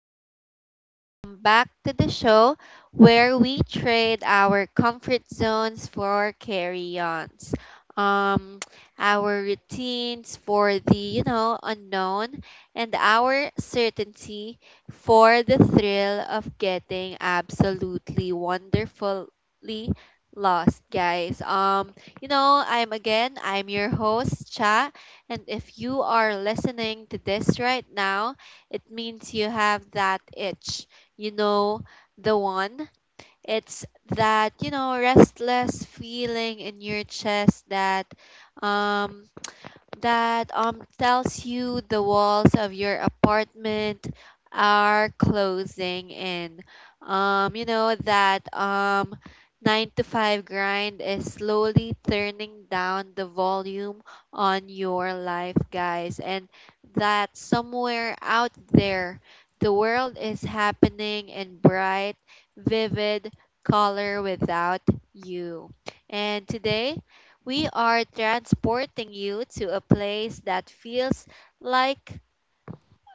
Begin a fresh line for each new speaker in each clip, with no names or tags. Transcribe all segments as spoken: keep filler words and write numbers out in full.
Wanderers. Welcome back to the show where we trade our comfort zones for carry-ons. Um, our routines for the, you know, unknown, and our certainty for the thrill of getting absolutely wonderfully lost, guys. Um, you know, I'm again, I'm your host, Cha, and if you are listening to this right now, it means you have that itch. You know, the one. It's that, you know, restless feeling in your chest that um that um tells you the walls of your apartment are closing in. Um, you know that um nine to five grind is slowly turning down the volume on your life, guys, and that somewhere out there the world is happening in bright, vivid color without you. And today we are transporting you to a place that feels like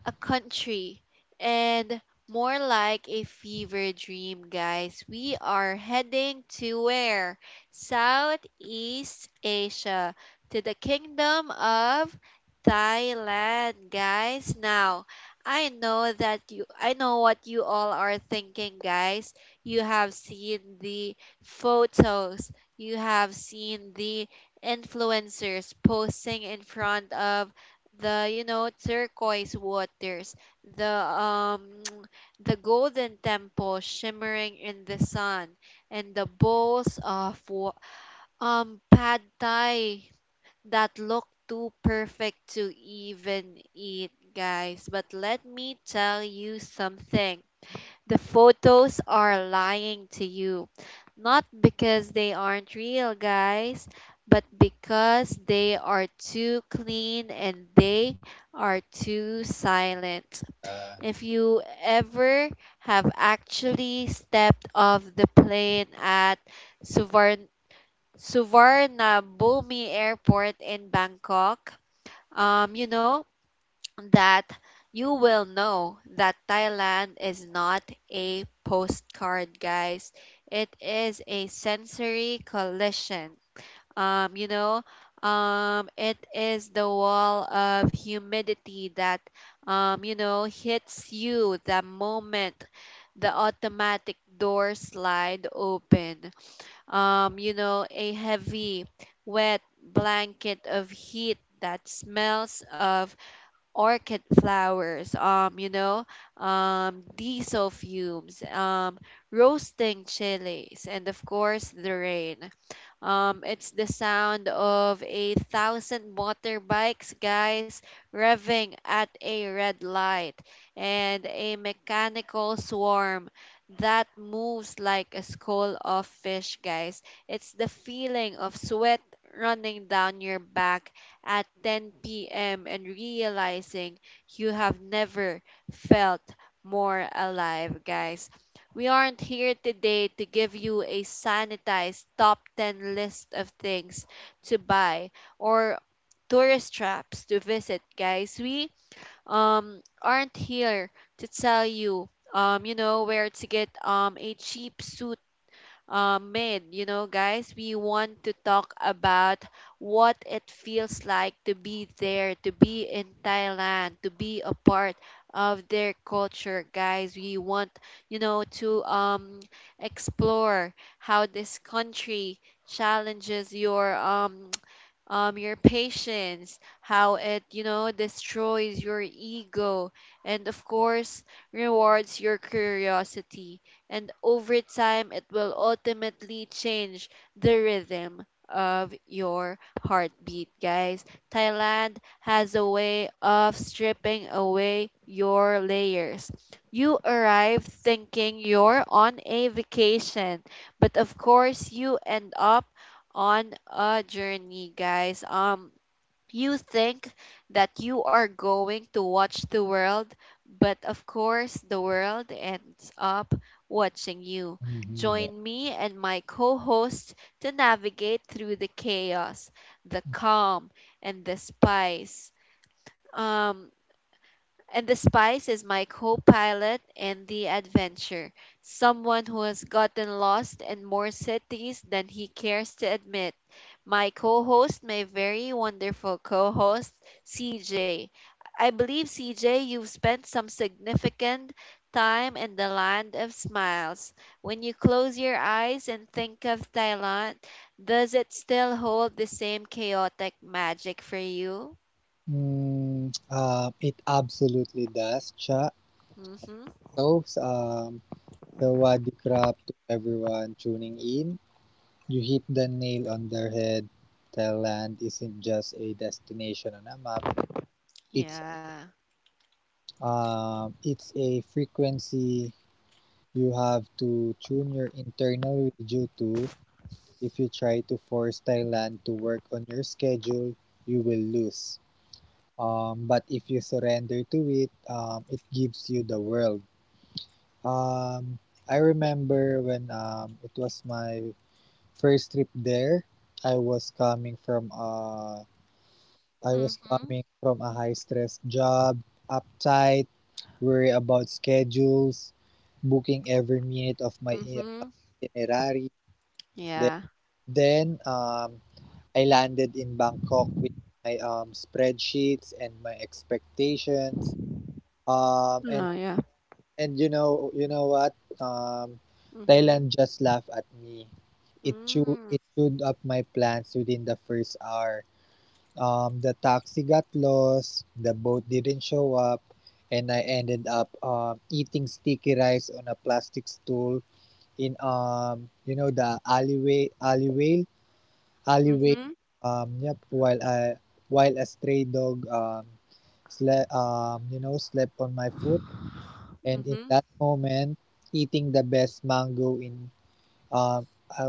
a country and more like a fever dream, guys. We are heading to where? Southeast Asia, to the kingdom of Thailand, guys. Now, I know that you I know what you all are thinking, guys. You have seen the photos. You have seen the influencers posting in front of the you know turquoise waters, the um the golden temple shimmering in the sun, and the bowls of wa- um pad thai that look too perfect to even eat, guys. But let me tell you something: the photos are lying to you, not because they aren't real, guys, but because they are too clean and they are too silent.
Uh,
If you ever have actually stepped off the plane at Suvarn- Suvarnabhumi Airport in Bangkok, um, you know, that you will know that Thailand is not a postcard, guys. It is a sensory collision. Um, you know, um, it is the wall of humidity that, um, you know, hits you the moment the automatic door slide open. Um, you know, a heavy, wet blanket of heat that smells of orchid flowers, um, you know, um, diesel fumes, um, roasting chilies, and of course the rain. Um, it's the sound of a thousand motorbikes, guys, revving at a red light, and a mechanical swarm that moves like a school of fish, guys. It's the feeling of sweat running down your back at ten p m and realizing you have never felt more alive, guys. We aren't here today to give you a sanitized top ten list of things to buy or tourist traps to visit, guys. We um aren't here to tell you um you know where to get um a cheap suit uh, made. You know, guys, we want to talk about what it feels like to be there, to be in Thailand, to be a part of their culture, guys. We want, you know, to um, explore how this country challenges your um, um, your patience, how it, you know, destroys your ego, and of course, rewards your curiosity, and over time it will ultimately change the rhythm of your heartbeat, guys. Thailand has a way of stripping away your layers. You arrive thinking you're on a vacation, but of course you end up on a journey, guys. Um you think that you are going to watch the world, but of course the world ends up watching you. Join me and my co host to navigate through the chaos, the calm, and the spice. Um, and the spice is my co pilot in the adventure, someone who has gotten lost in more cities than he cares to admit. My co host, my very wonderful co host, C J. I believe, C J, you've spent some significant time in the land of smiles. When you close your eyes and think of Thailand, does it still hold the same chaotic magic for you?
Mm, uh, it absolutely does, Cha.
Mm hmm.
So, um, so waddy crap to everyone tuning in. You hit the nail on the head. Thailand isn't just a destination on a map. It's
Yeah.
um, it's a frequency you have to tune your internal radio to. If you try to force Thailand to work on your schedule, you will lose. Um, but if you surrender to it, um, it gives you the world. Um, I remember when um, it was my first trip there. I was coming from uh, I
Mm
was
hmm.
coming from a high stress job, uptight, worry about schedules, booking every minute of my i-
Mhm.
itinerary. Then,
Yeah.
then um, I landed in Bangkok with my um, spreadsheets and my expectations. Um, and
Uh, yeah.
And you know, you know what? Um,
Mhm.
Thailand just laughed at me. It chewed,
Mm.
it chewed up my plans within the first hour. Um, the taxi got lost, the boat didn't show up, and I ended up um, eating sticky rice on a plastic stool in um, you know, the alleyway, alleyway, alleyway.
Mhm.
Um, yep. While I, while a stray dog um, slept, um, you know, slept on my foot. And in
Mhm.
that moment, eating the best mango in um I,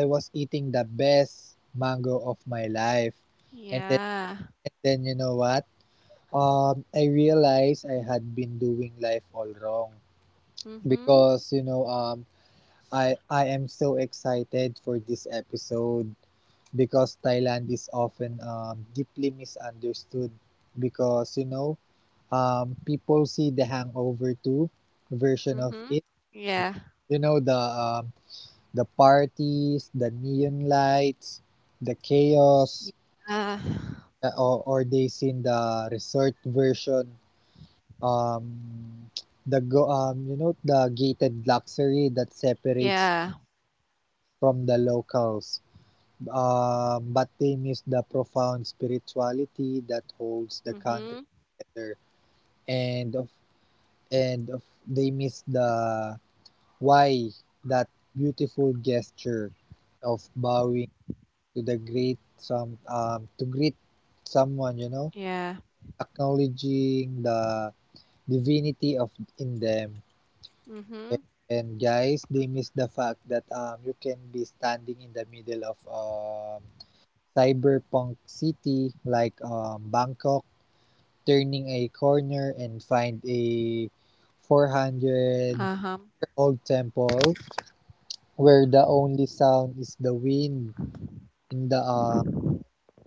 I was eating the best mango of my life. And then
Yeah.
and then you know what? Um I realized I had been doing life all wrong
Mhm.
because you know um I I am so excited for this episode because Thailand is often um deeply misunderstood because you know um people see the hangover two version of
Mhm.
it.
Yeah.
You know the um, the parties, the neon lights, the chaos,
Uh. Yeah.
uh, or, or they seen the resort version. Um, the go um, You know the gated luxury that separates
Yeah.
from the locals. Um, but they miss the profound spirituality that holds the country
Mhm.
together, and of and of they miss the why, that beautiful gesture of bowing to the great some um, to greet someone, you know,
Yeah.
acknowledging the divinity of in them.
Mhm.
And guys, they miss the fact that um you can be standing in the middle of um cyberpunk city like um Bangkok, turning a corner and find a 400
Uh-huh.
year old temple where the only sound is the wind in the uh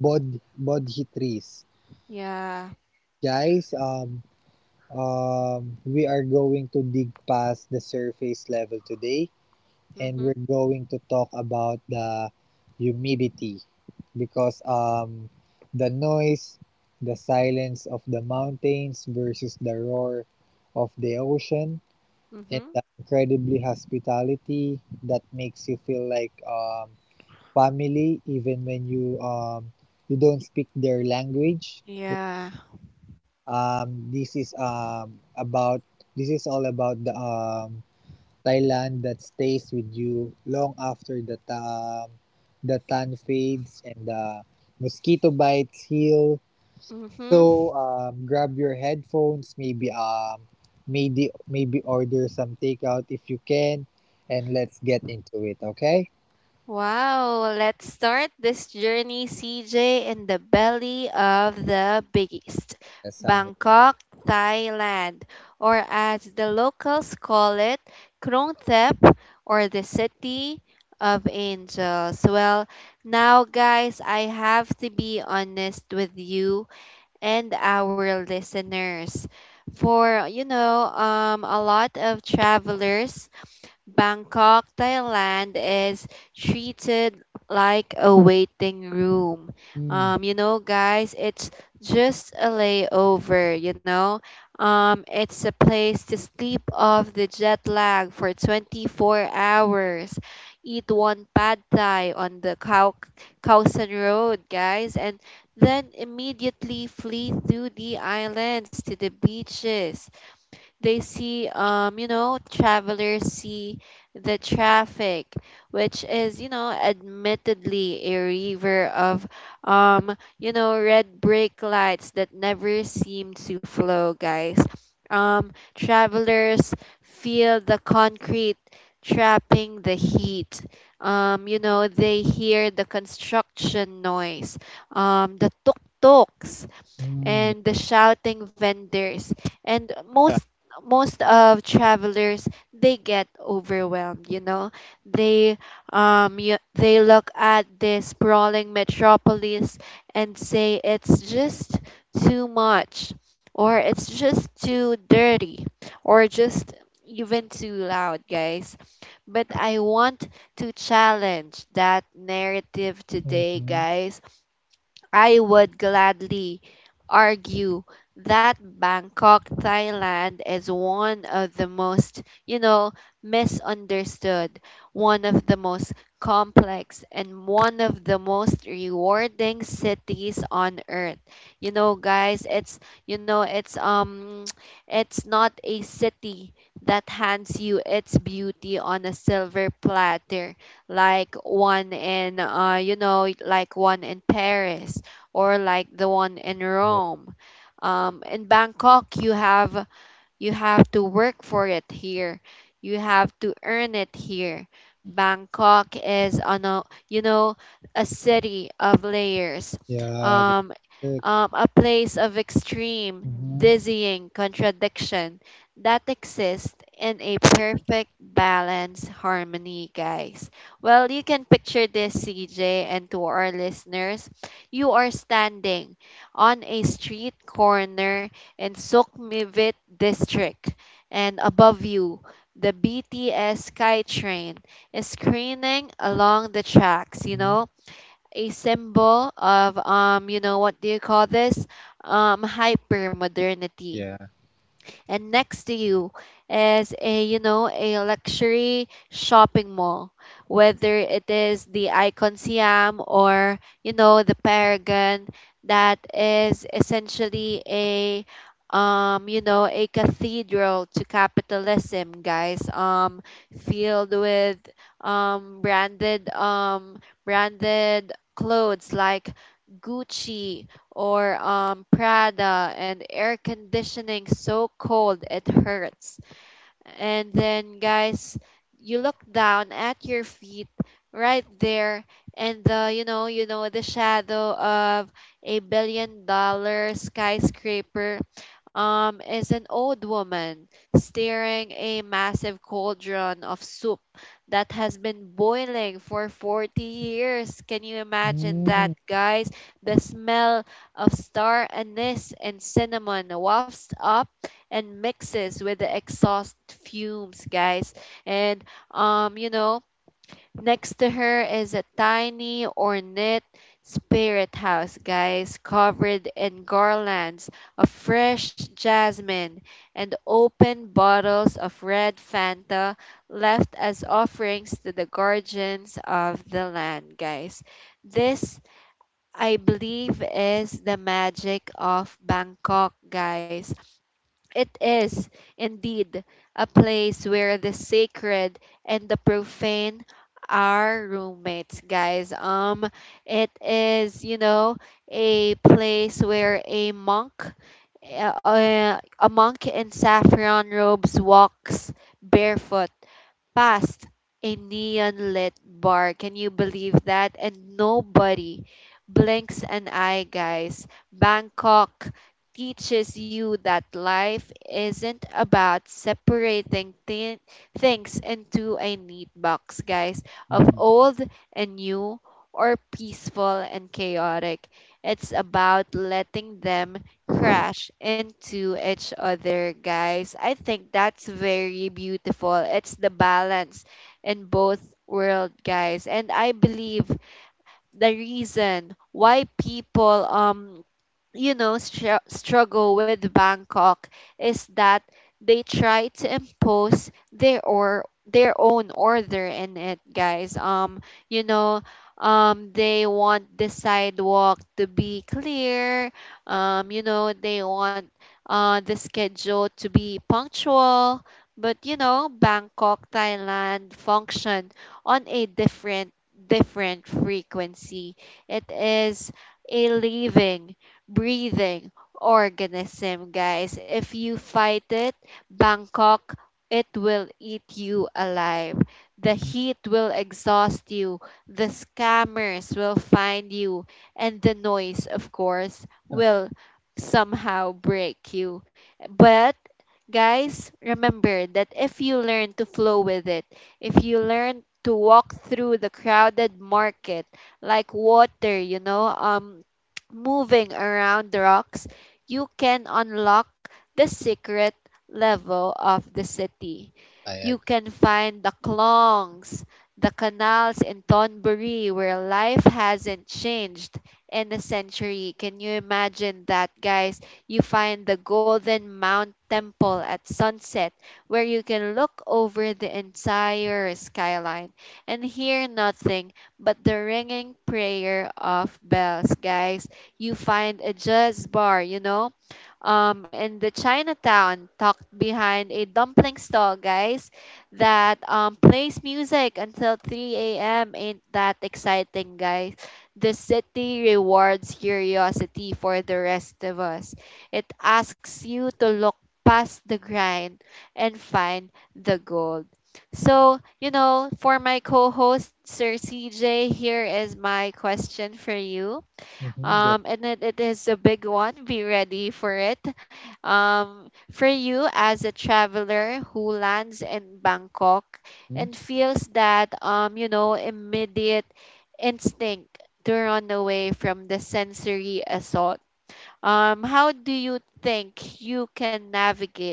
bod bodhi trees,
Yeah.
guys um Um, We are going to dig past the surface level today, and
Mhm.
we're going to talk about the humidity because um, the noise, the silence of the mountains versus the roar of the ocean, and
Mhm.
the incredibly hospitality that makes you feel like um, family even when you um, you don't speak their language.
Yeah.
Um, this is um about this is all about the um Thailand that stays with you long after the um the tan fades and the mosquito bites heal.
Mhm.
So um, grab your headphones, maybe um maybe maybe order some takeout if you can, and let's get into it. Okay?
Wow, let's start this journey, C J, in the belly of the biggest
Yes, I'm.
Bangkok, Thailand, or as the locals call it, Krung Thep, or the City of Angels. Well, now, guys, I have to be honest with you and our listeners. For, you know, um, a lot of travelers, Bangkok, Thailand is treated like a waiting room.
Mm,
Um, you know, guys, it's just a layover, you know. Um, it's a place to sleep off the jet lag for twenty-four hours. Eat one pad thai on the Khao Khaosan Road, guys, and then immediately flee through the islands to the beaches. They see, um, you know, travelers see the traffic, which is, you know, admittedly a river of, um, you know, red brake lights that never seem to flow, guys. Um, travelers feel the concrete trapping the heat. Um, you know, they hear the construction noise, um, the tuk tuks
mm, yeah,
and the shouting vendors. And most most of travelers, they get overwhelmed. You know, they um you, they look at this sprawling metropolis and say it's just too much, or it's just too dirty, or just even too loud, guys. But I want to challenge that narrative today,
mhm,
guys. I would gladly argue that Bangkok, Thailand is one of the most, you know, misunderstood, one of the most complex, and one of the most rewarding cities on earth. You know, guys, it's, you know, it's, um, it's not a city that hands you its beauty on a silver platter like one in, uh, you know, like one in Paris, or like the one in
yeah,
Rome. Um, in Bangkok, you have you have to work for it here. You have to earn it here. Bangkok is on a, you know, a city of layers.
yeah, that's
Um,
it.
um, a place of extreme,
Mm-hmm.
dizzying contradiction that exists in a perfect balance harmony, guys. Well, you can picture this, C J, and to our listeners, you are standing on a street corner in Sukmivit district. And above you, the B T S SkyTrain is screening along the tracks, you
Mm-hmm.
know, a symbol of um, you know, what do you call this? Um, hyper modernity.
Yeah.
And next to you is a you know a luxury shopping mall, whether it is the Icon Siam or you know the Paragon, that is essentially a um you know a cathedral to capitalism, guys. Um filled with um branded um branded clothes like Gucci or um, Prada, and air conditioning so cold it hurts. And then, guys, you look down at your feet right there, and the you know, you know, the shadow of a billion dollar skyscraper um, is an old woman steering a massive cauldron of soup that has been boiling for forty years. Can you imagine that,
Mm.
guys? The smell of star anise and cinnamon wafts up and mixes with the exhaust fumes, guys. And um, you know, next to her is a tiny ornate spirit house, guys, covered in garlands of fresh jasmine and open bottles of red Fanta left as offerings to the guardians of the land, guys. This, I believe, is the magic of Bangkok, guys. It is indeed a place where the sacred and the profane are roommates, guys. Um, it is, you know, a place where a monk, uh, a monk in saffron robes walks barefoot past a neon lit bar. Can you believe that? And nobody blinks an eye, guys. Bangkok teaches you that life isn't about separating thi- things into a neat box, guys, of
Mm.
old and new or peaceful and chaotic. It's about letting them crash into each other, guys. I think that's very beautiful. It's the balance in both world, guys. And I believe the reason why people um you know, str- struggle with Bangkok is that they try to impose their or their own order in it, guys. Um, you know, um, they want the sidewalk to be clear. Um, you know, they want uh the schedule to be punctual. But you know, Bangkok, Thailand function on a different different frequency. It is a living breathing organism, guys. If you fight it, Bangkok, it will eat you alive. The heat will exhaust you. The scammers will find you. And the noise, of course,
Huh,
will somehow break you. But, guys, remember that if you learn to flow with it, if you learn to walk through the crowded market like water, you know, um, moving around the rocks, you can unlock the secret level of the city.
I
You
agree.
can find the clongs, the canals in Thornbury where life hasn't changed in a century. Can you imagine that, guys? You find the Golden Mount Temple at sunset where you can look over the entire skyline and hear nothing but the ringing prayer of bells, guys. You find a jazz bar, you know, um, in the Chinatown, tucked behind a dumpling stall, guys, that um, plays music until three a m. Ain't that exciting, guys? The city rewards curiosity for the rest of us. It asks you to look past the grind and find the gold. So, you know, for my co host, Sir C J, here is my question for you.
Mm-hmm. Go.
Um, and it, it is a big one. Be ready for it. Um, for you, as a traveler who lands in Bangkok
Mhm,
and feels that, um, you know, immediate instinct to run away from the sensory assault, um, how do you think you can navigate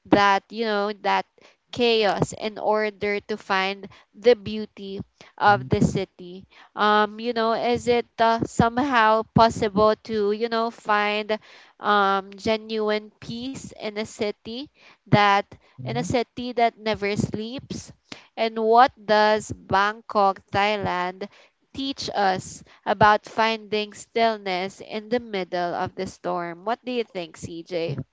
that you know that chaos in order to find the beauty of
mhm,
the city? Um you know is it uh, somehow possible to you know find um genuine peace in a city that in a
mm.
city that never sleeps? And what does Bangkok, Thailand teach us about finding stillness in the middle of the storm? What do you think, CJ?
mm.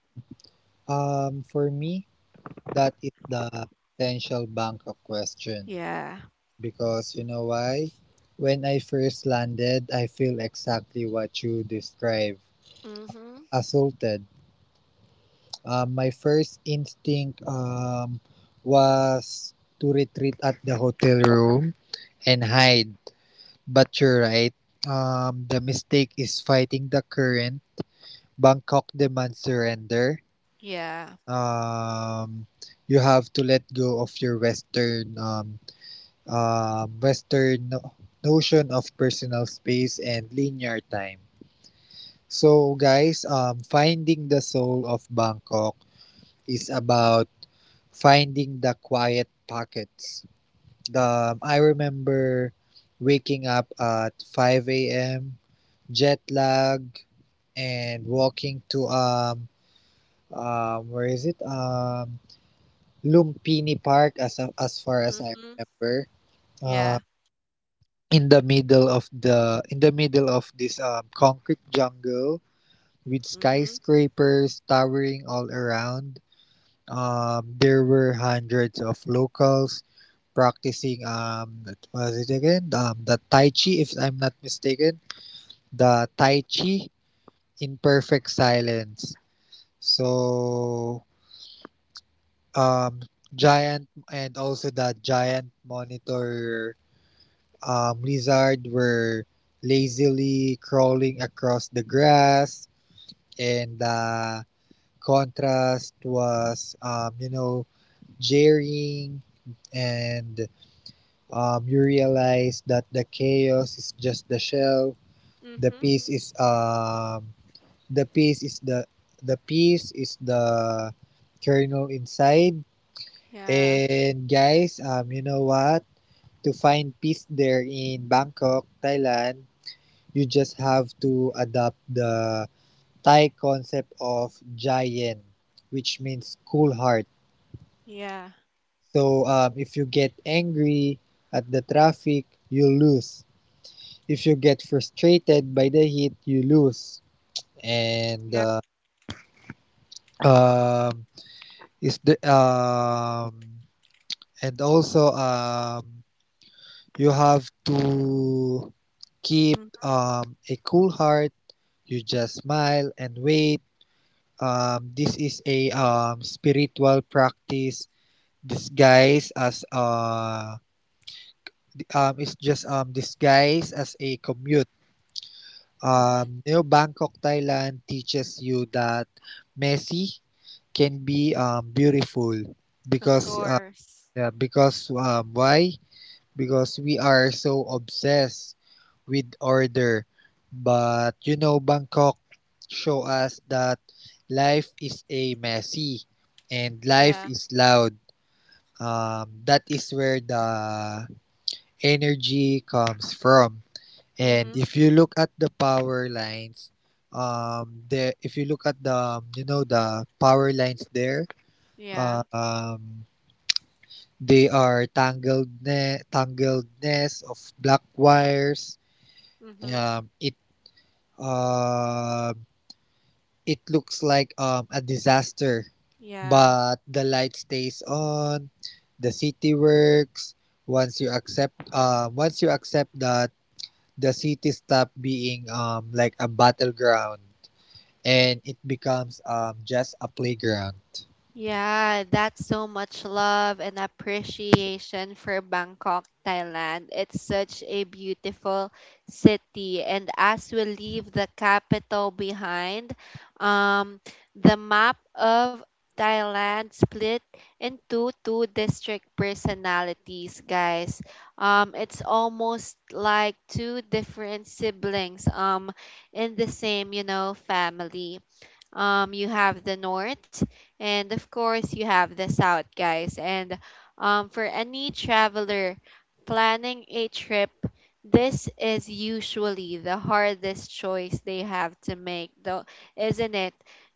Um, for me, that is the essential bank of question
Yeah.
because you know why? When I first landed, I feel exactly what you describe,
Mm-hmm.
assaulted. Um, my first instinct um was to retreat at the hotel room and hide. But you're right. Um, the mistake is fighting the current. Bangkok demands surrender.
Yeah.
um, you have to let go of your Western um, um, Western no- notion of personal space and linear time. So, guys, um, finding the soul of Bangkok is about finding the quiet pockets. Um, I remember waking up at five a m, jet lag, and walking to um, um where is it um Lumpini Park as as far as I
Mhm.
remember. Uh,
Yeah.
in the middle of the in the middle of this um, concrete jungle with
Mhm.
skyscrapers towering all around. Um, there were hundreds of locals practicing um what was it again? Um, the Tai Chi, if I'm not mistaken, the Tai Chi in perfect silence. So um giant and also the giant monitor um, lizard were lazily crawling across the grass, and the contrast was, um, you know, jarring, and um, you realize that the chaos is just the shell. The
Mhm.
peace is um, the peace is the the peace is the kernel inside.
Yeah.
And guys, um, you know what? To find peace there in Bangkok, Thailand, you just have to adopt the Thai concept of jayen, which means cool heart.
Yeah.
So um, if you get angry at the traffic, you lose. If you get frustrated by the heat, you lose. And uh, um, is the um, and also um, You have to keep um, a cool heart. You just smile and wait. Um, this is a um, spiritual practice disguised as uh, um, it's just um, disguised as a commute. Um, you know, Bangkok, Thailand teaches you that messy can be um, beautiful
Of
because uh,
course.
yeah, because um, why? Because we are so obsessed with order. But you know, Bangkok show us that life is a messy and life
Yeah.
is loud. Um, that is where the energy comes from. And
Mhm.
if you look at the power lines, um, the if you look at the um, you know the power lines there,
Yeah.
uh, um, they are tangled ne- tangledness of black wires.
Mhm.
Um, it uh, it looks like um, a disaster,
Yeah.
but the light stays on, the city works. Once you accept, uh, once you accept that the city stop being um, like a battleground, and it becomes um, just a playground.
Yeah, that's so much love and appreciation for Bangkok, Thailand. It's such a beautiful city. And as we leave the capital behind, um, the map of Thailand split into two district personalities, guys. Um, it's almost like two different siblings um, in the same, you know, family. Um, you have the north, and of course, you have the south, guys. And um, for any traveler planning a trip, this is usually the hardest choice they have to make, though, isn't it?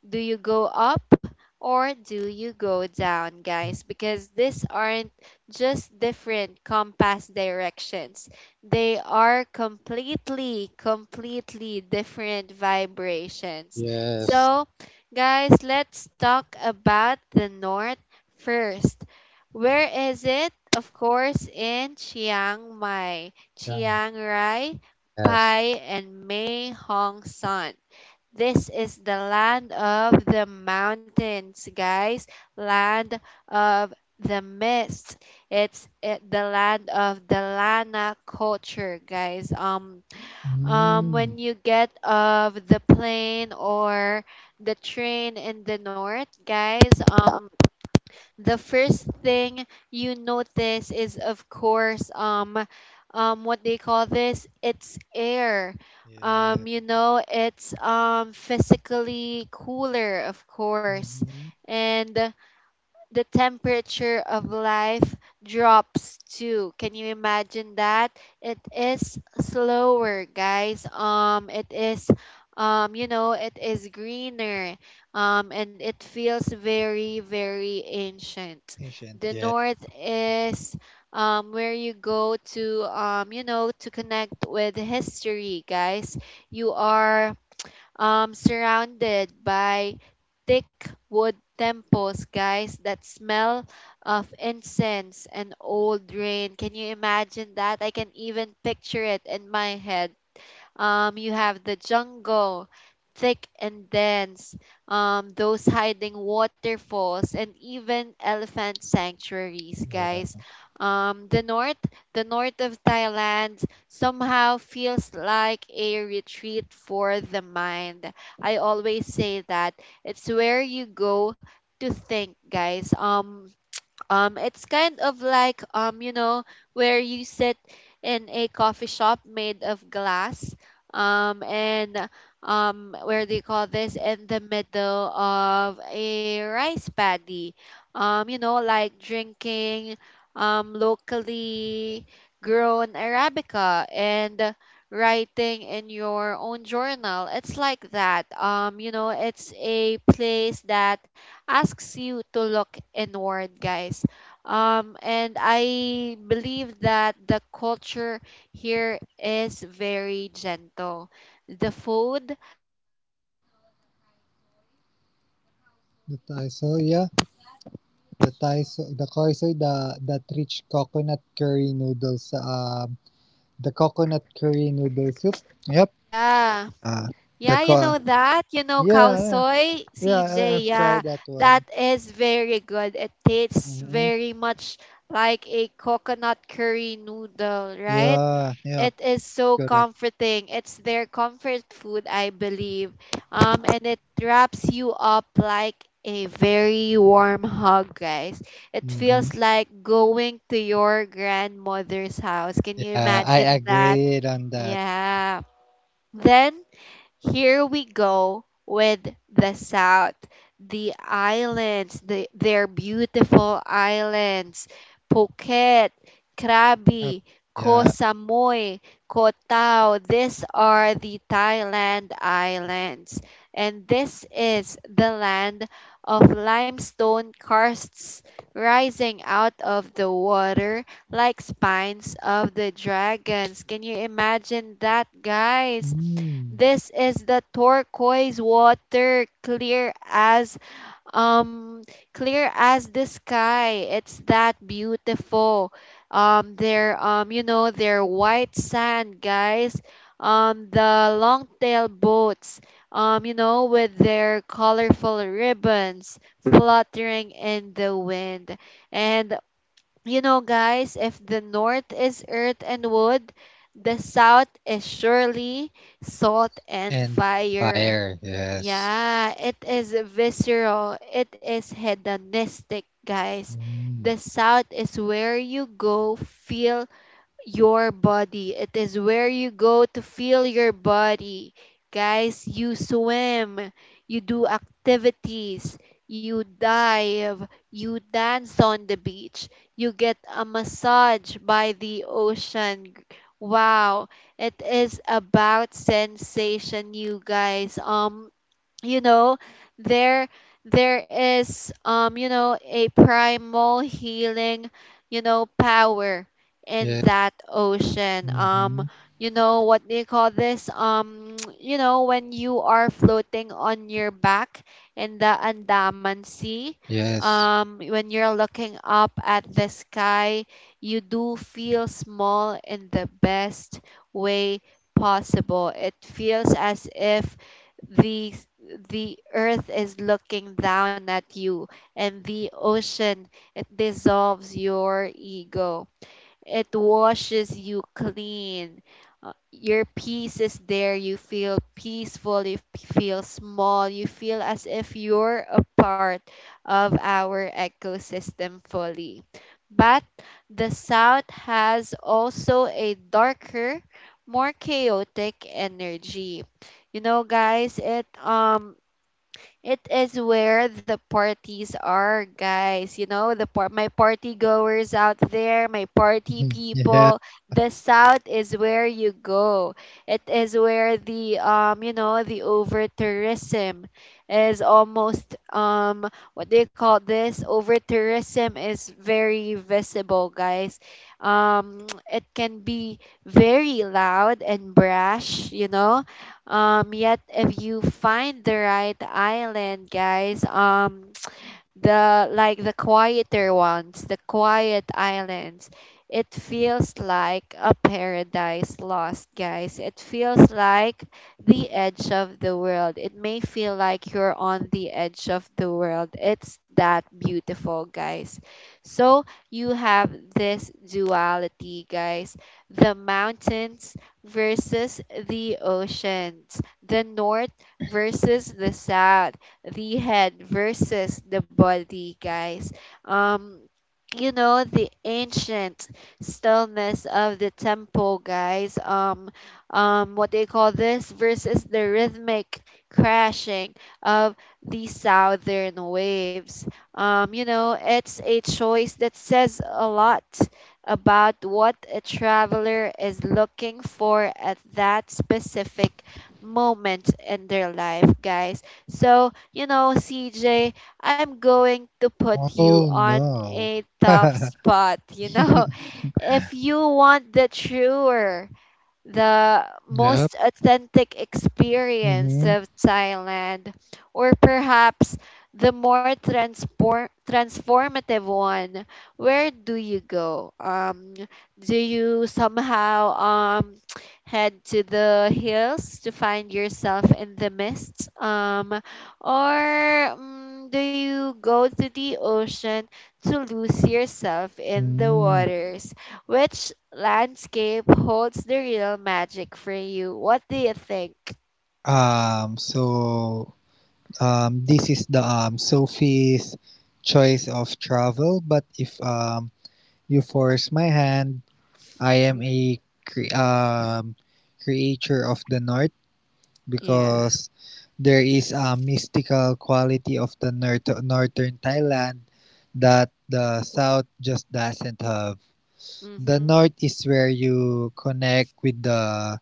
Do you go up or do you go down, guys? Because these aren't just different compass directions, they are completely, completely different vibrations.
Yes.
So, guys, let's talk about the north first. Where is it? Of course, in Chiang Mai,
Yeah.
Chiang Rai,
Yes.
Pai, and Mae Hong Son. This is the land of the mountains, guys. Land of the mist. It's eh, the land of the Lana culture, guys. Um, um,
Mm.
when you get off the plane or the train in the north, guys, um, the first thing you notice is, of course, um, um, what they call this? It's air.
Yeah.
Um, you know, it's um, physically cooler, of course.
Mm-hmm.
And the temperature of life drops too. Can you imagine that? It is slower, guys. Um, it is, um, you know, it is greener. Um, and it feels very, very ancient.
Ancient.
The
Yeah.
north is um, where you go to, um, you know, to connect with history, guys. You are um, surrounded by thick wood temples, guys, that smell of incense and old rain. Can you imagine that? I can even picture it in my head. Um, you have the jungle, thick and dense, um, those hiding waterfalls, and even elephant sanctuaries,
Yeah.
guys. Um, the north, the north of Thailand somehow feels like a retreat for the mind. I always say that it's where you go to think, guys. Um, um, it's kind of like um, you know, where you sit in a coffee shop made of glass, um, and um, where they call this, in the middle of a rice paddy, um, you know, like drinking um locally grown arabica and writing in your own journal. It's like that. Um, you know, it's a place that asks you to look inward, guys. Um, and I believe that the culture here is very gentle. The food, like, you know, the kai soy, the cow
The
soy,
Taiso, yeah.
that
The
rich cock,
Taiso, the Koisoy, the that rich coconut curry noodles sa uh, The coconut curry noodle soup. Yep.
yeah.
Uh, the
Yeah, you know
co-
that. You know
Yeah,
cow
yeah.
soy,
Yeah, I,
C J.
I've tried
Yeah,
that one.
that is very good. It tastes
Mm-hmm.
very much like a coconut curry noodle, right?
Yeah, yeah,
It is so
correct.
comforting. It's their comfort food, I believe. Um, and it wraps you up like a very warm hug, guys. It
Mm-hmm.
feels like going to your grandmother's house. Can you
Yeah, I
imagine that?
agreed on that.
Yeah. Then here we go with the South, the islands, the, their beautiful islands, Phuket,
Uh,
Krabi, Koh
yeah,
Samui, Koh Tao. These are the Thailand islands, and this is the land of limestone karsts rising out of the water like spines of the dragons. Can you imagine that, guys?
Mm.
This is the turquoise water, clear as um clear as the sky. It's that beautiful. Um, their um you know, their white sand, guys. Um, the long tail boats, um you know, with their colorful ribbons fluttering in the wind. And you know, guys, if the north is earth and wood, the south is surely salt and
and
fire.
fire. Yes,
Yeah, it is visceral. It is hedonistic, guys.
Mm.
The south is where you go, feel, your body. It is where you go to feel your body. Guys, you swim, you do activities, you dive, you dance on the beach, you get a massage by the ocean. Wow, it is about sensation, you guys. Um, you know, there there is um you know, a primal healing, you know, power in
yeah,
that ocean.
Mm-hmm.
Um you know, what do you call this? Um You know, when you are floating on your back in the Andaman Sea,
yes.
um when you're looking up at the sky, you do feel small in the best way possible. It feels as if the s- the earth is looking down at you, and the ocean, it dissolves your ego, it washes you clean. Uh, Your peace is there. You feel peaceful. You f- feel small. You feel as if you're a part of our ecosystem fully. But the South has also a darker, more chaotic energy. You know, guys, it um it is where the parties are, guys. You know, the par- my party goers out there, my party
Mhm. Yeah.
people. The South is where you go. It is where the um, you know, the over tourism is almost um, what do you call this? Over tourism is very visible, guys. Um, it can be very loud and brash, you know, um, yet if you find the right island, guys, um, the like the quieter ones, the quiet islands. It feels like a paradise lost, guys. It feels like the edge of the world. It may feel like you're on the edge of the world. It's that beautiful, guys. So you have this duality, guys. The mountains versus the oceans. The north versus the south, the head versus the body, guys. Um, you know, the ancient stillness of the tempo, guys, um um what they call this, versus the rhythmic crashing of the southern waves. Um, you know, it's a choice that says a lot about what a traveler is looking for at that specific moment in their life, guys. So, you know, CJ, I'm going to put you
Oh
on
no.
a tough spot, you know. If you want the truer, the
Yep.
most authentic experience
Mm-hmm.
of Thailand, or perhaps the more transform- transformative one? Where do you go? Um, do you somehow um, head to the hills to find yourself in the mist? Um, or mm, do you go to the ocean to lose yourself in the
Mm.
waters? Which landscape holds the real magic for you? What do you think?
Um. So um, this is the um, Sophie's choice of travel, but if um, you force my hand, I am a cre- um, creature of the north
Yeah.
because there is a mystical quality of the north- northern Thailand that the south just doesn't have. The
Mm-hmm.
north is where you connect with the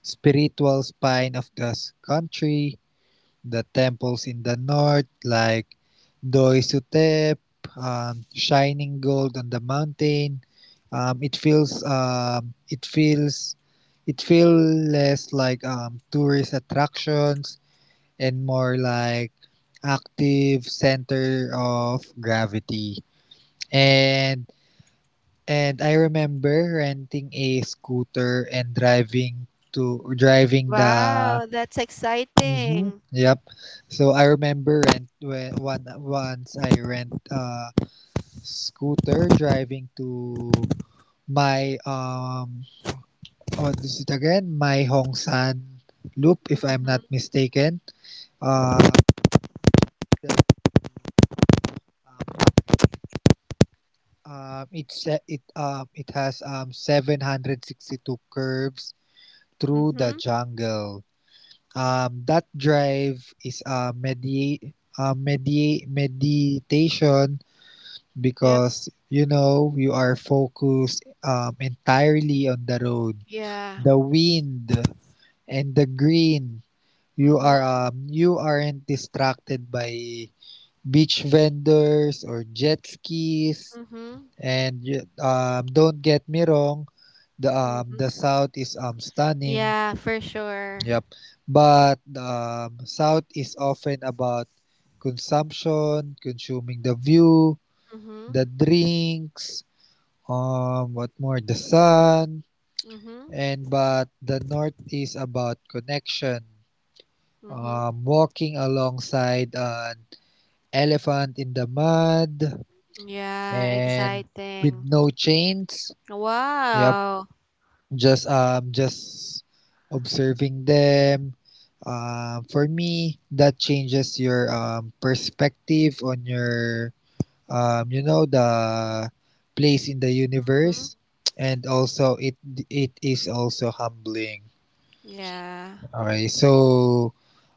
spiritual spine of the country. The temples in the north, like Doisutep, um, shining gold on the mountain. Um, it feels um, it feels it feels less like um, tourist attractions and more like active center of gravity. And and I remember renting a scooter and driving to driving the
Wow, that's
Mm-hmm.
exciting.
Yep. So I remember rent when one once I rent a scooter driving to my um what is it again? My Hongsan Loop, if I'm not
Mm-hmm,
mistaken. Uh, um, um, it's uh, it um it has um seven hundred sixty-two curves through the
mm-hmm.
jungle. Um, that drive is a medi uh, medi meditation
Yep.
because you know you are focused um, entirely on the road,
Yeah.
the wind, and the green. You are
Mm-hmm,
um, you aren't distracted by beach vendors or jet skis.
mm-hmm,
And y- um, don't get me wrong, the um,
mm-hmm.
the south is um stunning.
Yeah, for sure.
Yep, but um, south is often about consumption, consuming the view,
Mm-hmm,
the drinks, Um, what more? The sun,
mm-hmm,
and but the north is about connection.
mm-hmm.
Um, walking alongside an elephant in the mud
Yeah,
and with
exciting.
no chains. Yep,
Wow.
just um, just observing them. Um, for me, that changes your um perspective on your um, you know the place in the
Mm-hmm.
universe, and also it it is also humbling.
Yeah.
okay so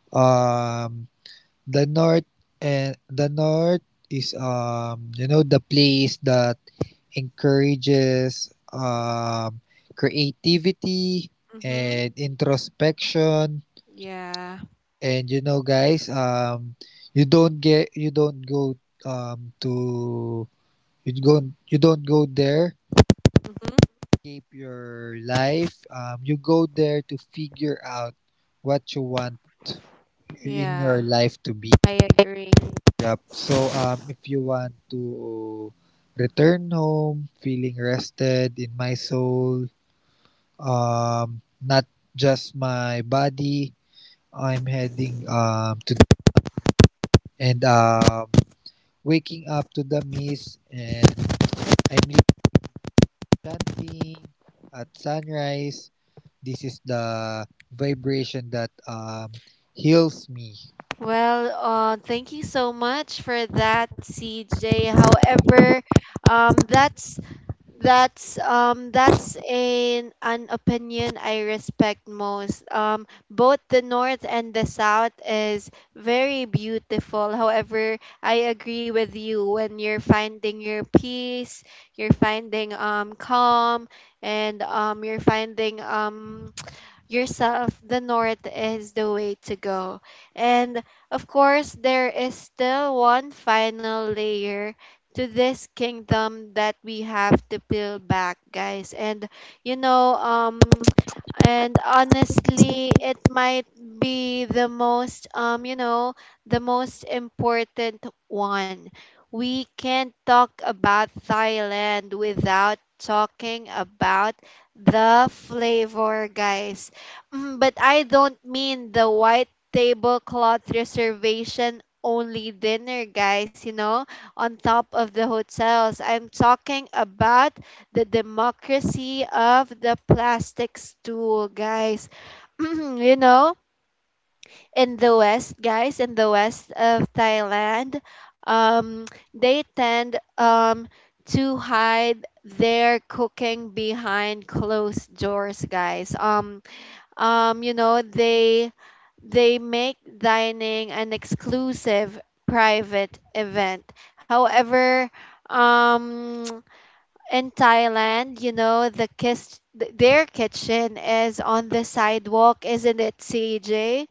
um the north and the north is um you know the place that encourages um creativity
Mm-hmm.
and introspection.
Yeah.
And you know guys um you don't get You don't go um to you don't you don't go there
Mm-hmm.
escape your life. Um, you go there to figure out what you want in your
Yeah.
life to be.
I agree.
Yup. So um, if you want to return home feeling rested in my soul, um, not just my body, I'm heading um to and um waking up to the mist and I'm chanting at sunrise. This is the vibration that um heals me.
Well, uh, thank you so much for that, C J. However, um, that's that's um, that's an an opinion I respect most. Um, both the north and the south is very beautiful. However, I agree with you, when you're finding your peace, you're finding um calm, and um you're finding um yourself, the North is the way to go. And of course, there is still one final layer to this kingdom that we have to peel back, guys. And you know, um, and honestly, it might be the most, um, you know, the most important one. We can't talk about Thailand without talking about the flavor, guys. Mm, but I don't mean the white tablecloth reservation only dinner, guys, you know, on top of the hotels. I'm talking about the democracy of the plastic stool, guys. You know, in the West, guys, in the West of Thailand, um, they tend um, to hide their cooking behind closed doors, guys. Um, um you know, they they make dining an exclusive private event. However, um, in Thailand, you know, the kiss th- their kitchen is on the sidewalk, isn't it, CJ?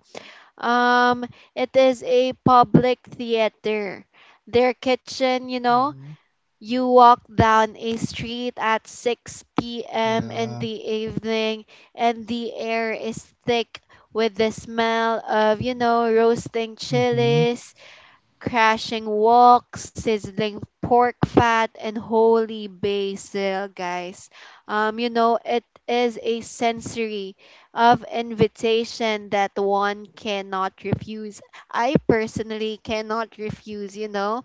Um, it is a public theater, their kitchen, you know.
Mm-hmm.
You walk down a street at six p m in
Yeah.
the evening, and the air is thick with the smell of, you know, roasting
Mm-hmm.
chilies, crashing wok, sizzling pork fat, and holy basil, guys. Um, you know, it is a sensory of invitation that one cannot refuse. I personally cannot refuse, you know.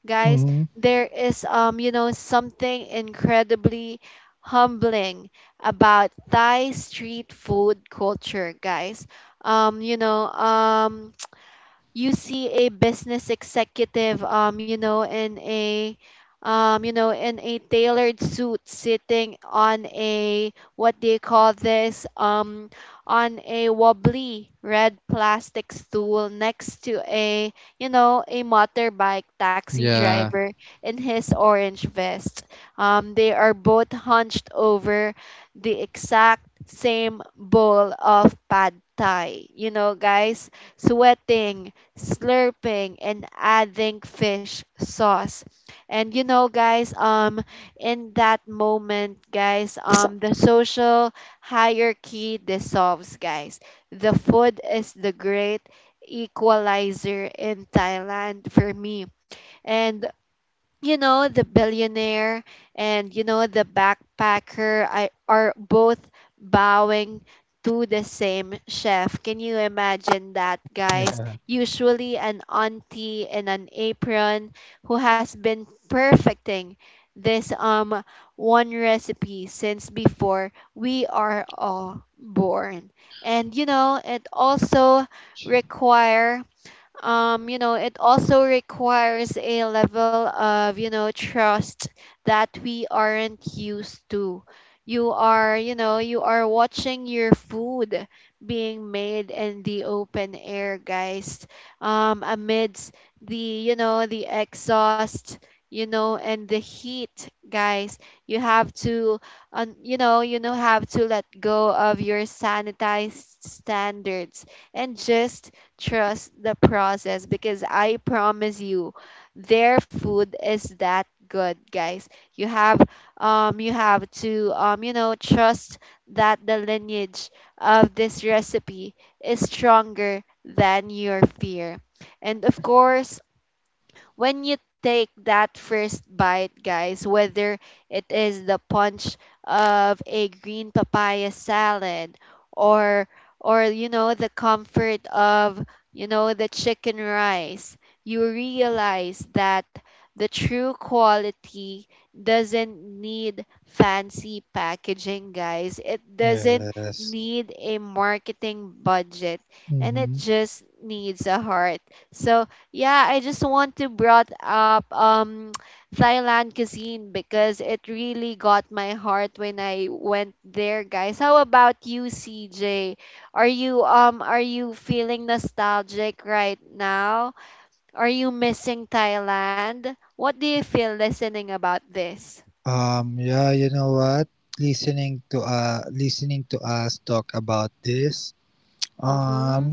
Guys,
Mm-hmm.
there is um, you know, something incredibly humbling about Thai street food culture, guys. Um, you know, um, you see a business executive, um you know, in a um you know, in a tailored suit, sitting on a what do you call this, um, on a wobbly red plastic stool, next to a, you know, a motorbike taxi
Yeah.
driver in his orange vest. Um, they are both hunched over the exact same bowl of pad thai, you know, guys, sweating, slurping, and adding fish sauce. And you know, guys, um, in that moment, guys, um, the social hierarchy dissolves, guys. The food is the great equalizer in Thailand for me. And you know the billionaire and you know the backpacker I, are both bowing to the same chef. Can you imagine that, guys?
Yeah.
Usually an auntie in an apron who has been perfecting this um one recipe since before we are all born. And you know it also require um, you know, it also requires a level of, you know, trust that we aren't used to. You are, you know, you are watching your food being made in the open air, guys, um, amidst the, you know, the exhaust, you know, and the heat, guys. You have to, um, you know, you know, have to let go of your sanitized standards and just trust the process, because I promise you their food is that good, guys. You have um you have to um you know trust that the lineage of this recipe is stronger than your fear. And of course, when you take that first bite, guys, whether it is the punch of a green papaya salad, or or you know the comfort of you know the chicken rice, you realize that the true quality doesn't need fancy packaging, guys. It doesn't
Yes.
need a marketing budget, and it
Mm-hmm.
just needs a heart. So yeah, I just want to brought up um Thailand cuisine, because it really got my heart when I went there, guys. How about you, C J? Are you um are you feeling nostalgic right now? Are you missing Thailand? What do you feel listening about this?
Um. Yeah. You know what? Listening to uh, listening to us talk about this. Um.
Mhm.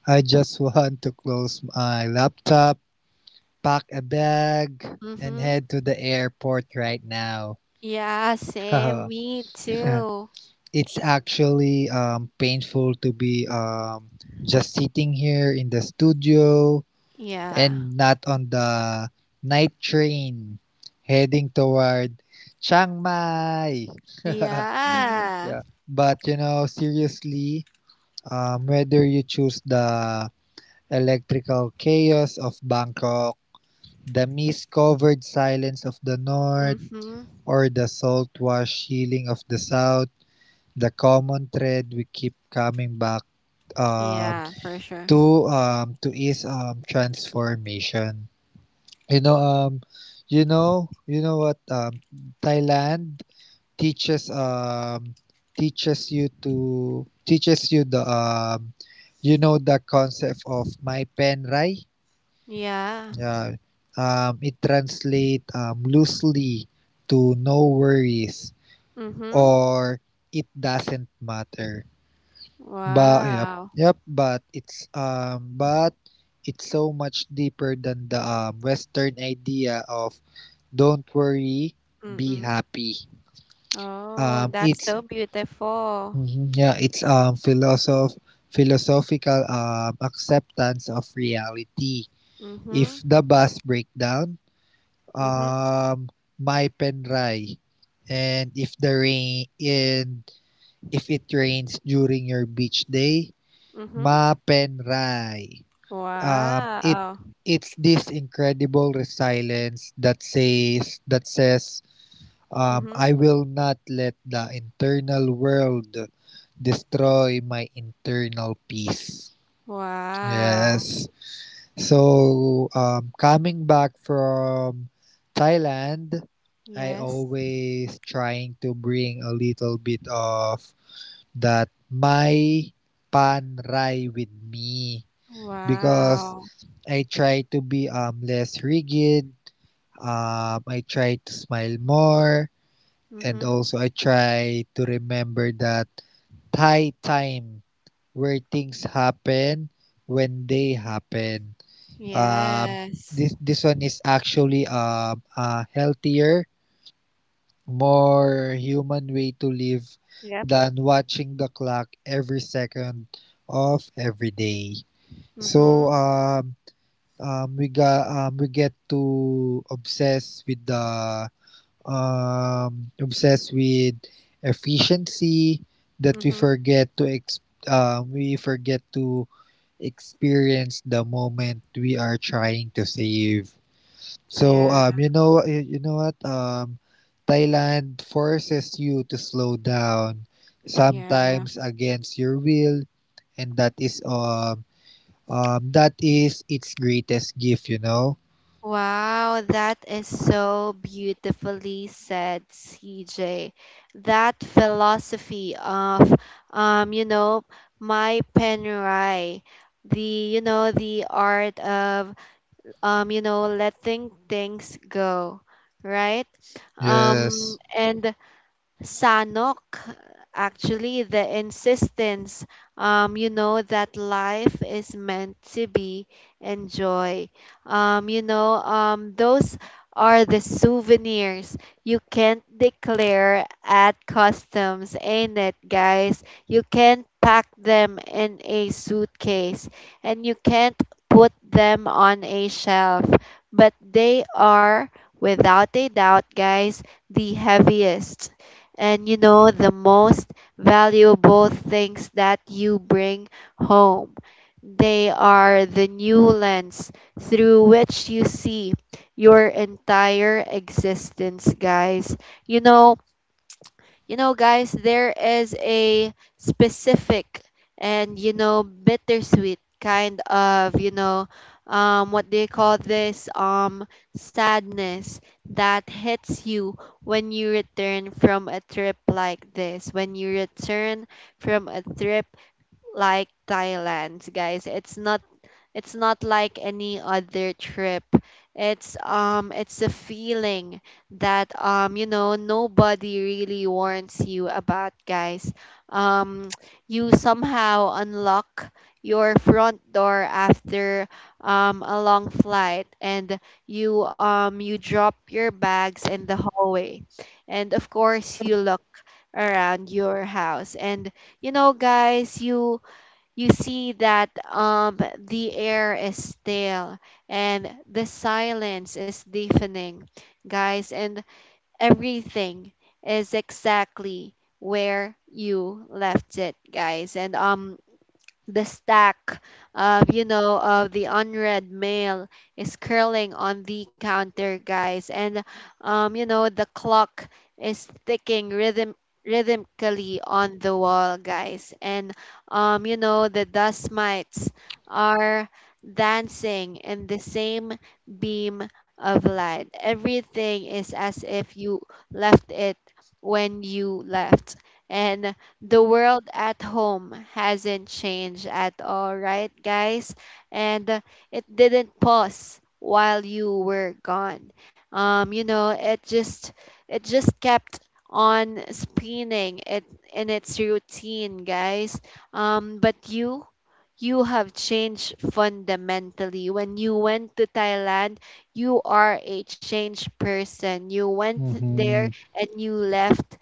I just want to close my laptop, pack a bag, and
Mhm.
head to the airport right now.
Yeah, same. Me too.
It's actually um, painful to be um, just sitting here in the studio
Yeah.
and not on the night train heading toward Chiang Mai. Yeah,
Yeah.
but you know, seriously, um, whether you choose the electrical chaos of Bangkok, the mist covered silence of the north,
Mhm.
or the salt wash healing of the south, the common thread we keep coming back um,
Yeah, for
to
sure.
um, to is um, transformation. You know, um, you know, you know what um, Thailand teaches um, teaches you to teaches you the um, you know the concept of my pen right?
Yeah.
Yeah, um, it translates um, loosely to no worries,
Mhm.
or it doesn't matter. But yep,
Wow.
yep, but it's um but it's so much deeper than the um Western idea of don't worry, be
Mm-mm.
happy. Um
Oh, that's
it's
so beautiful.
mhm, yeah, it's um philosoph philosophical um acceptance of reality. If the
Mhm.
bus break down,
Mhm.
um my pen dry. And if the rain and if it rains during your beach day,
Mhm.
ma pen dry. um, it
Wow.
it's this incredible resilience that says that says um, I
Mhm.
will not let the internal world destroy my internal peace.
Wow.
Yes. So um, coming back from Thailand, I
Yes.
always trying to bring a little bit of that my pan rai with me because
Wow.
I try to be um, less rigid. Um, I try to smile more. And
Mhm.
also, I try to remember that high time where things happen when they happen. Um,
Yes.
this this one is actually um, a healthier, more human way to live
Yep.
than watching the clock every second of every day. So
Mhm.
um, um, we got um, we get to obsess with the um, obsess with efficiency that we
Mhm.
forget to ex- um, we forget to experience the moment we are trying to save. So
Yeah.
um, you know you know what um, Thailand forces you to slow down
Yeah.
sometimes against your will, and that is um, um that is its greatest gift. You know.
Wow, that is so beautifully said, C J. That philosophy of, um, you know, my penurai, the, you know, the art of, um, you know, letting things go, right?
Yes.
Um, and Sanok, actually, the insistence, um, you know, that life is meant to be enjoyed. Um, you know, um, those are the souvenirs you can't declare at customs, ain't it, guys? You can't pack them in a suitcase and you can't put them on a shelf, but they are, without a doubt, guys, the heaviest and you know, the most valuable things that you bring home. They are the new lens through which you see your entire existence, guys. You know, you know, guys, there is a specific and, you know, bittersweet kind of, you know, um, what do you call this? Um, sadness that hits you when you return from a trip like this. When you return from a trip like Thailand, guys, it's not it's not like any other trip. It's um it's a feeling that um you know nobody really warns you about, guys. Um you somehow unlock your front door after um a long flight, and you um you drop your bags in the hallway. And of course you look around your house, and you know guys you you see that um, the air is stale and the silence is deafening, guys, and everything is exactly where you left it, guys. And um, the stack of you know of the unread mail is curling on the counter, guys, and um you know the clock is ticking rhythm rhythmically on the wall, guys, and um you know the dust mites are dancing in the same beam of light. Everything is as if you left it when you left, and the world at home hasn't changed at all, right, guys? And uh, it didn't pause while you were gone. Um, you know, it just it just kept on spinning it in its routine, guys. Um, but you you have changed fundamentally. When you went to Thailand, you are a changed person. You went
Mm-hmm.
there and you left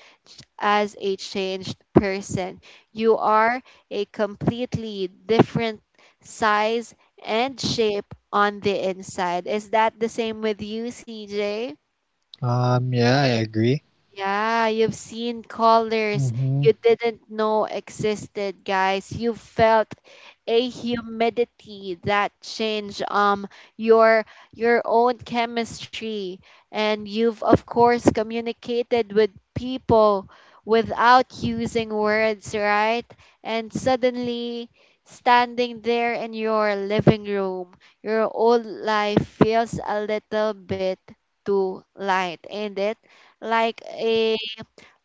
as a changed person. You are a completely different size and shape on the inside. Is that the same with you, C J?
Um, yeah, I agree.
Yeah, you've seen colors
Mm-hmm.
you didn't know existed, guys. You felt a humidity that changed um your your own chemistry, and you've of course communicated with people without using words, right? And suddenly, standing there in your living room, your old life feels a little bit too light, ain't it? Like a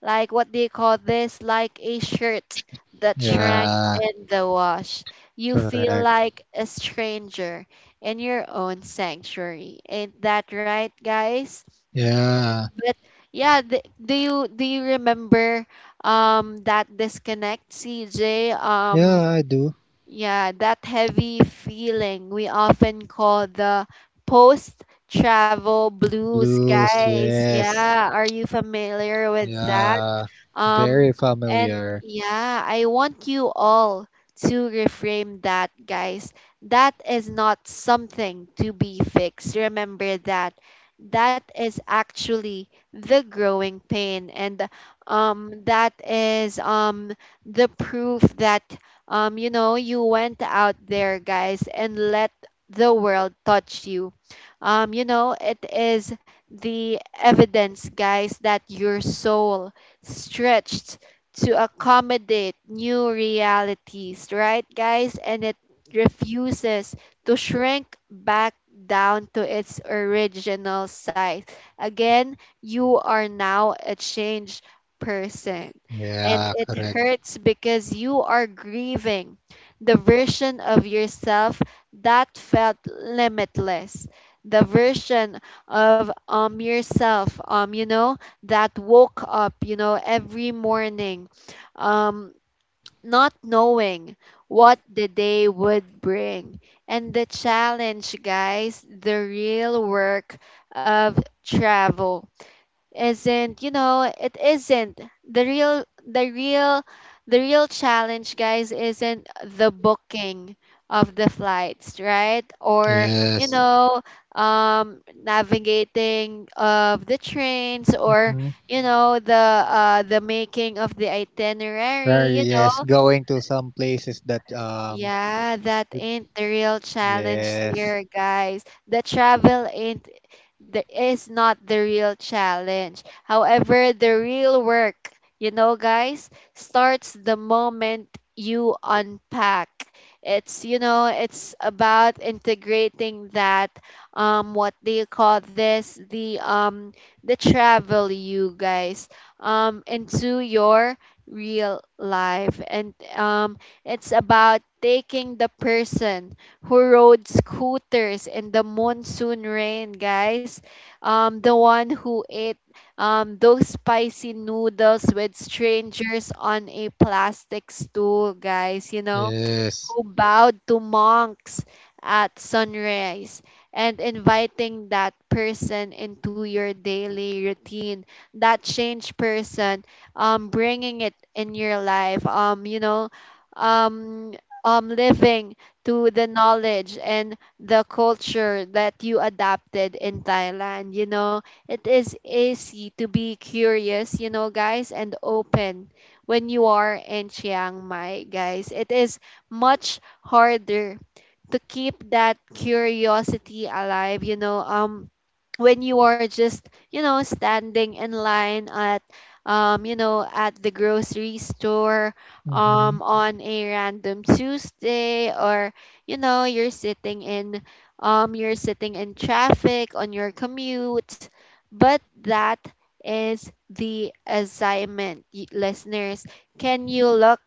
like what do you call this, like a shirt that shrank
Yeah,
in the wash. You feel
correct.
like a stranger in your own sanctuary, ain't that right, guys?
Yeah.
But yeah, th- do you do you remember um that disconnect, CJ? Um
Yeah, I do.
yeah, that heavy feeling we often call the post travel blues,
Blues,
guys.
yes.
Yeah, are you familiar with that?
Yeah. Very
Um, and
familiar.
yeah, I want you all to reframe that, guys. That is not something to be fixed. Remember that. That is actually the growing pain, and um, that is um the proof that um you know you went out there, guys, and let the world touch you. Um, you know it is the evidence, guys, that your soul stretched to accommodate new realities, right, guys? And it refuses to shrink back down to its original size. Again, you are now a changed person. And
Yeah,
it
correct.
hurts because you are grieving the version of yourself that felt limitless. The version of um yourself um you know that woke up, you know, every morning, um, not knowing what the day would bring. And the challenge, guys, the real work of travel isn't you know it isn't the real the real the real challenge, guys, isn't the booking of the flights, right? Or you Mm.
Yes.
know um navigating of the trains, or
Mm-hmm.
you know the uh the making of the
Very,
itinerary, you know.
yes. Going to some places that, um,
Yeah, that ain't the real challenge
yes.
here, guys. The travel ain't the is not the real challenge. However, the real work, you know, guys, starts the moment you unpack. It's, you know, it's about integrating that um what do you call this? The um the travel you guys um into your real life, and um it's about taking the person who rode scooters in the monsoon rain, guys. Um, the one who ate um, those spicy noodles with strangers on a plastic stool, guys. You know,
Yes.
who bowed to monks at sunrise, and inviting that person into your daily routine, that changed person, um bringing it in your life, um you know um um living to the knowledge and the culture that you adapted in Thailand, you know. It is easy to be curious, you know, guys, and open when you are in Chiang Mai, guys. It is much harder to keep that curiosity alive, you know. Um when you are just you know standing in line at um you know at the grocery store
Mm-hmm.
um on a random Tuesday, or you know you're sitting in um you're sitting in traffic on your commute. But that is the assignment, y- listeners. Can you look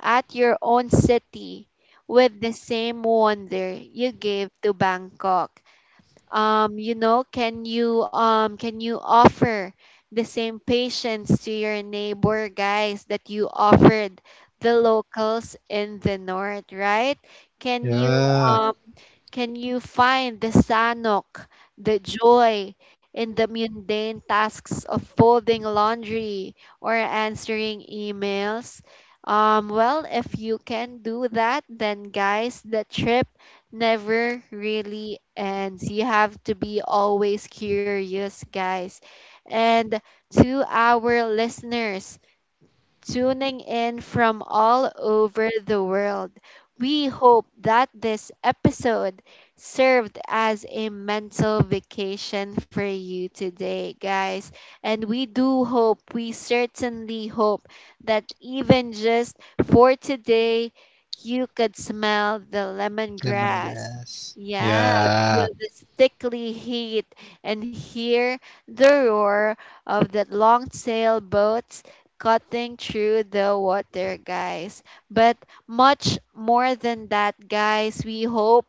at your own city with the same wonder you gave to Bangkok? Um you know, can you um can you offer the same patience to your neighbor, guys, that you offered the locals in the north, right? Can you
Yeah.
um can you find the sanok, the joy in the mundane tasks of folding laundry or answering emails? Um, well, if you can do that, then, guys, the trip never really ends. You have to be always curious, guys. And to our listeners tuning in from all over the world, we hope that this episode served as a mental vacation for you today, guys. And we do hope, we certainly hope, that even just for today, you could smell the lemongrass.
Lemongrass.
Yeah,
Yeah.
feel the stickly heat and hear the roar of the long sailboat cutting through the water, guys. But much more than that, guys, we hope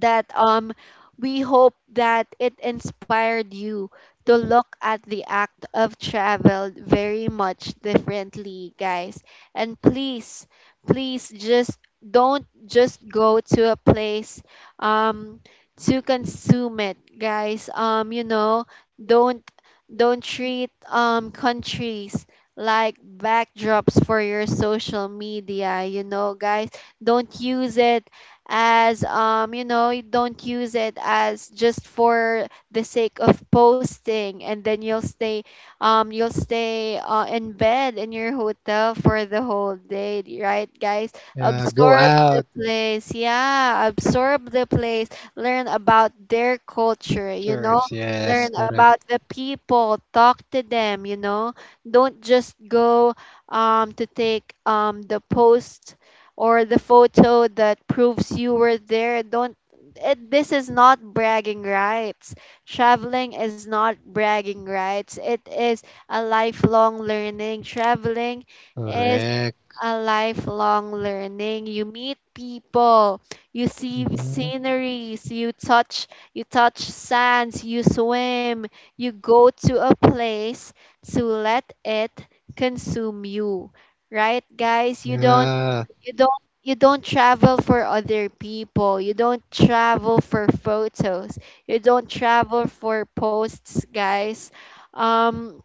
that um we hope that it inspired you to look at the act of travel very much differently, guys. And please, please just don't just go to a place um to consume it, guys. Um you know, don't don't treat um countries like backdrops for your social media, you know, guys. Don't use it as um you know, you don't use it as just for the sake of posting, and then you'll stay um you'll stay uh, in bed in your hotel for the whole day, right, guys?
Yeah, go
Absorb
out
the place. Yeah, absorb the place. Learn about their culture, you know.
first. Yes,
Learn
correct.
about the people, talk to them, you know. Don't just go um to take um the post or the photo that proves you were there. Don't it, this is not bragging rights. Traveling is not bragging rights. It is a lifelong learning. Traveling is
Correct.
a lifelong learning. You meet people, you see
Mm-hmm.
sceneries, you touch you touch sands, you swim, you go to a place to let it consume you, right, guys? You don't
Yeah.
you don't you don't travel for other people. You don't travel for photos. You don't travel for posts, guys. Um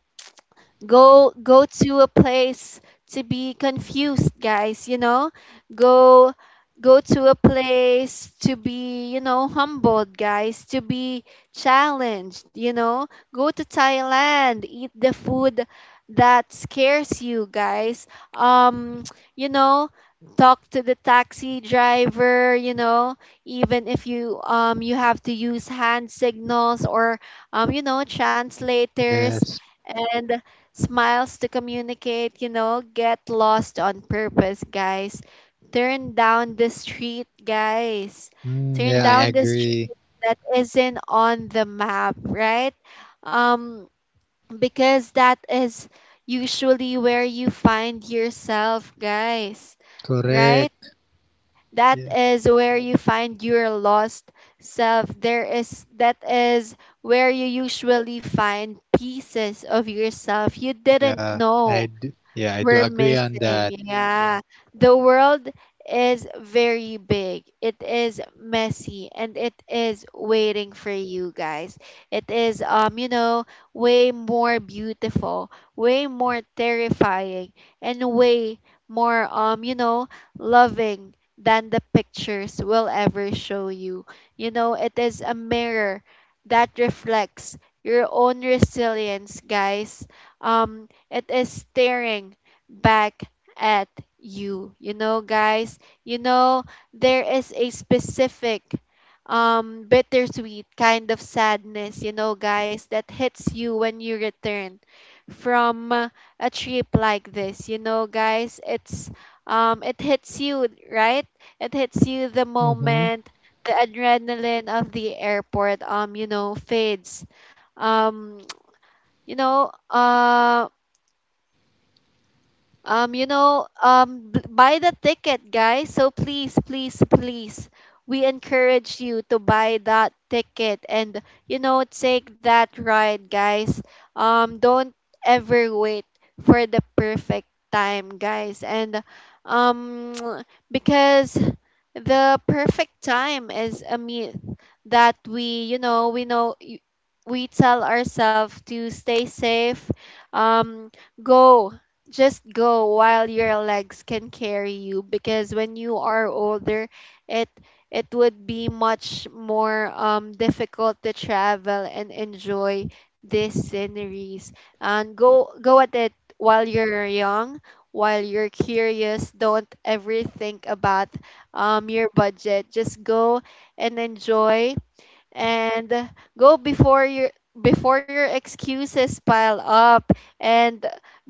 Go, go to a place to be confused, guys, you know. Go, go to a place to be, you know, humbled, guys, to be challenged, you know. Go to Thailand, eat the food that scares you, guys. Um, You know, talk to the taxi driver, you know, even if you, um you have to use hand signals or, um you know, translators
Yes.
and smiles to communicate, you know. Get lost on purpose, guys. Turn down the street, guys.
Mm, yeah,
Turn
I
down the
agree.
street that isn't on the map, right? Um, because that is usually where you find yourself, guys, right?
Correct.
That
Yeah.
is where you find your lost self. There is That is where you usually find pieces of yourself you
Yeah.
didn't
I
know
do. Yeah, I do
we're
agree on
missing,
that.
yeah. The world is very big. It is messy and it is waiting for you, guys. It is, um, you know, way more beautiful, way more terrifying, and way more, um, you know, loving than the pictures will ever show you. You know, it is a mirror that reflects your own resilience, guys. Um, it is staring back at you. You know, guys, you know, there is a specific um bittersweet kind of sadness, you know, guys, that hits you when you return from uh, a trip like this. You know, guys, it's um it hits you, right? It hits you the
Mm-hmm.
moment the adrenaline of the airport, um you know, fades. Um you know uh um, you know, um, b- Buy the ticket, guys. So please, please, please, we encourage you to buy that ticket and, you know, take that ride, guys. Um, don't ever wait for the perfect time, guys. And um, because the perfect time is a myth that we, you know, we know. y- We tell ourselves to stay safe. Um, go Just go while your legs can carry you, because when you are older it it would be much more, um, difficult to travel and enjoy these sceneries. And go, go at it while you're young, while you're curious. Don't ever think about, um, your budget, just go and enjoy. And go before your before your excuses pile up. And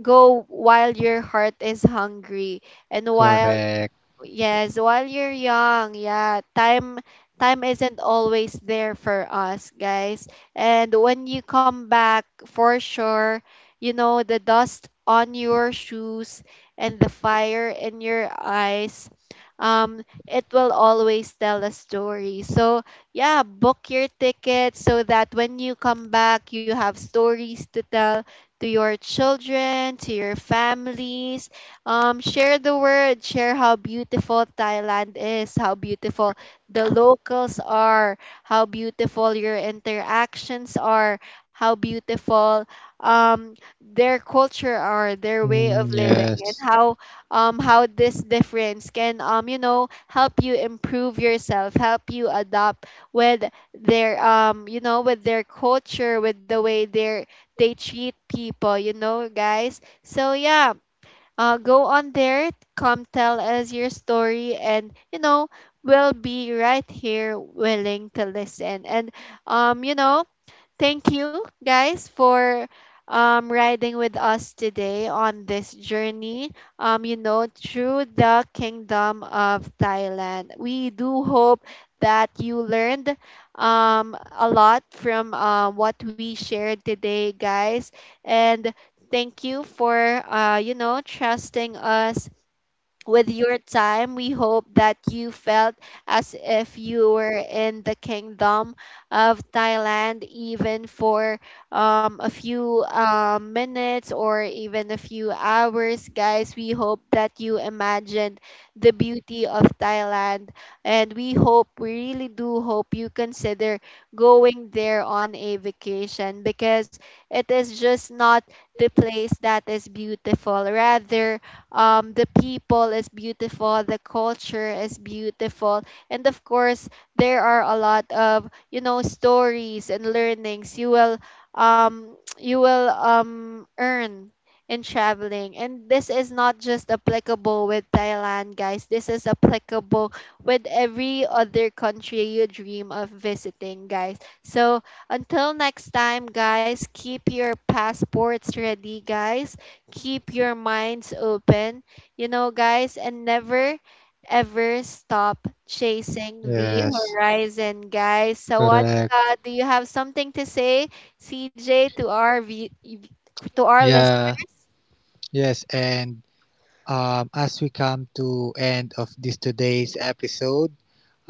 go while your heart is hungry and while,
Correct.
yes, while you're young, yeah. Time time isn't always there for us, guys. And when you come back, for sure, you know, the dust on your shoes and the fire in your eyes, um, it will always tell a story. So, yeah, book your ticket so that when you come back, you have stories to tell to your children, to your families. Um, share the word, share how beautiful Thailand is, how beautiful the locals are, how beautiful your interactions are, how beautiful, um, their culture are, their way
Mm,
of living, and
yes.
how, um, how this difference can, um, you know, help you improve yourself, help you adapt with their, um, you know, with their culture, with the way they they treat people, you know, guys. So yeah, uh, go on there, come tell us your story, and you know, we'll be right here willing to listen. And um, you know, thank you guys for, um, riding with us today on this journey, um, you know, through the kingdom of Thailand. We do hope that you learned, um, a lot from uh, what we shared today, guys. And thank you for, uh, you know, trusting us with your time. We hope that you felt as if you were in the kingdom of Thailand, even for, um, a few um, minutes or even a few hours, guys. We hope that you imagined the beauty of Thailand, and we hope, we really do hope, you consider going there on a vacation, because it is just not the place that is beautiful, rather, um, the people is beautiful, the culture is beautiful, and of course there are a lot of, you know, stories and learnings you will, um, you will, um, earn in traveling. And this is not just applicable with Thailand, guys, this is applicable with every other country you dream of visiting, guys. So until next time, guys, keep your passports ready, guys, keep your minds open, you know, guys, and never ever stop chasing the
Yes.
horizon, guys. So,
Correct.
Sawadika, do you have something to say, C J, to our v- to our list?
Yeah. Yes. And um, as we come to end of this today's episode,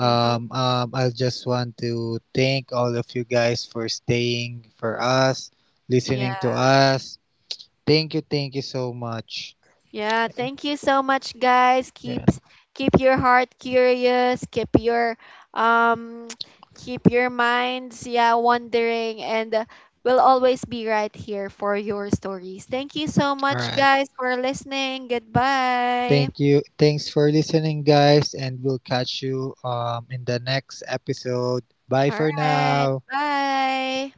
Hmm.
um, I just want to thank all of you guys for staying for us, listening to
Yeah.
us, thank you, thank you so much.
Yeah, thank you so much, guys.
Yeah.
Keep keep your heart curious. Keep your um keep your minds, yeah, wondering, and uh, we'll always be right here for your stories. Thank you so
All
much,
right.
guys, for listening.
Thank
Goodbye.
you. Thanks for listening, guys, and we'll catch you um in the next episode. Bye for
All right,
now.
bye.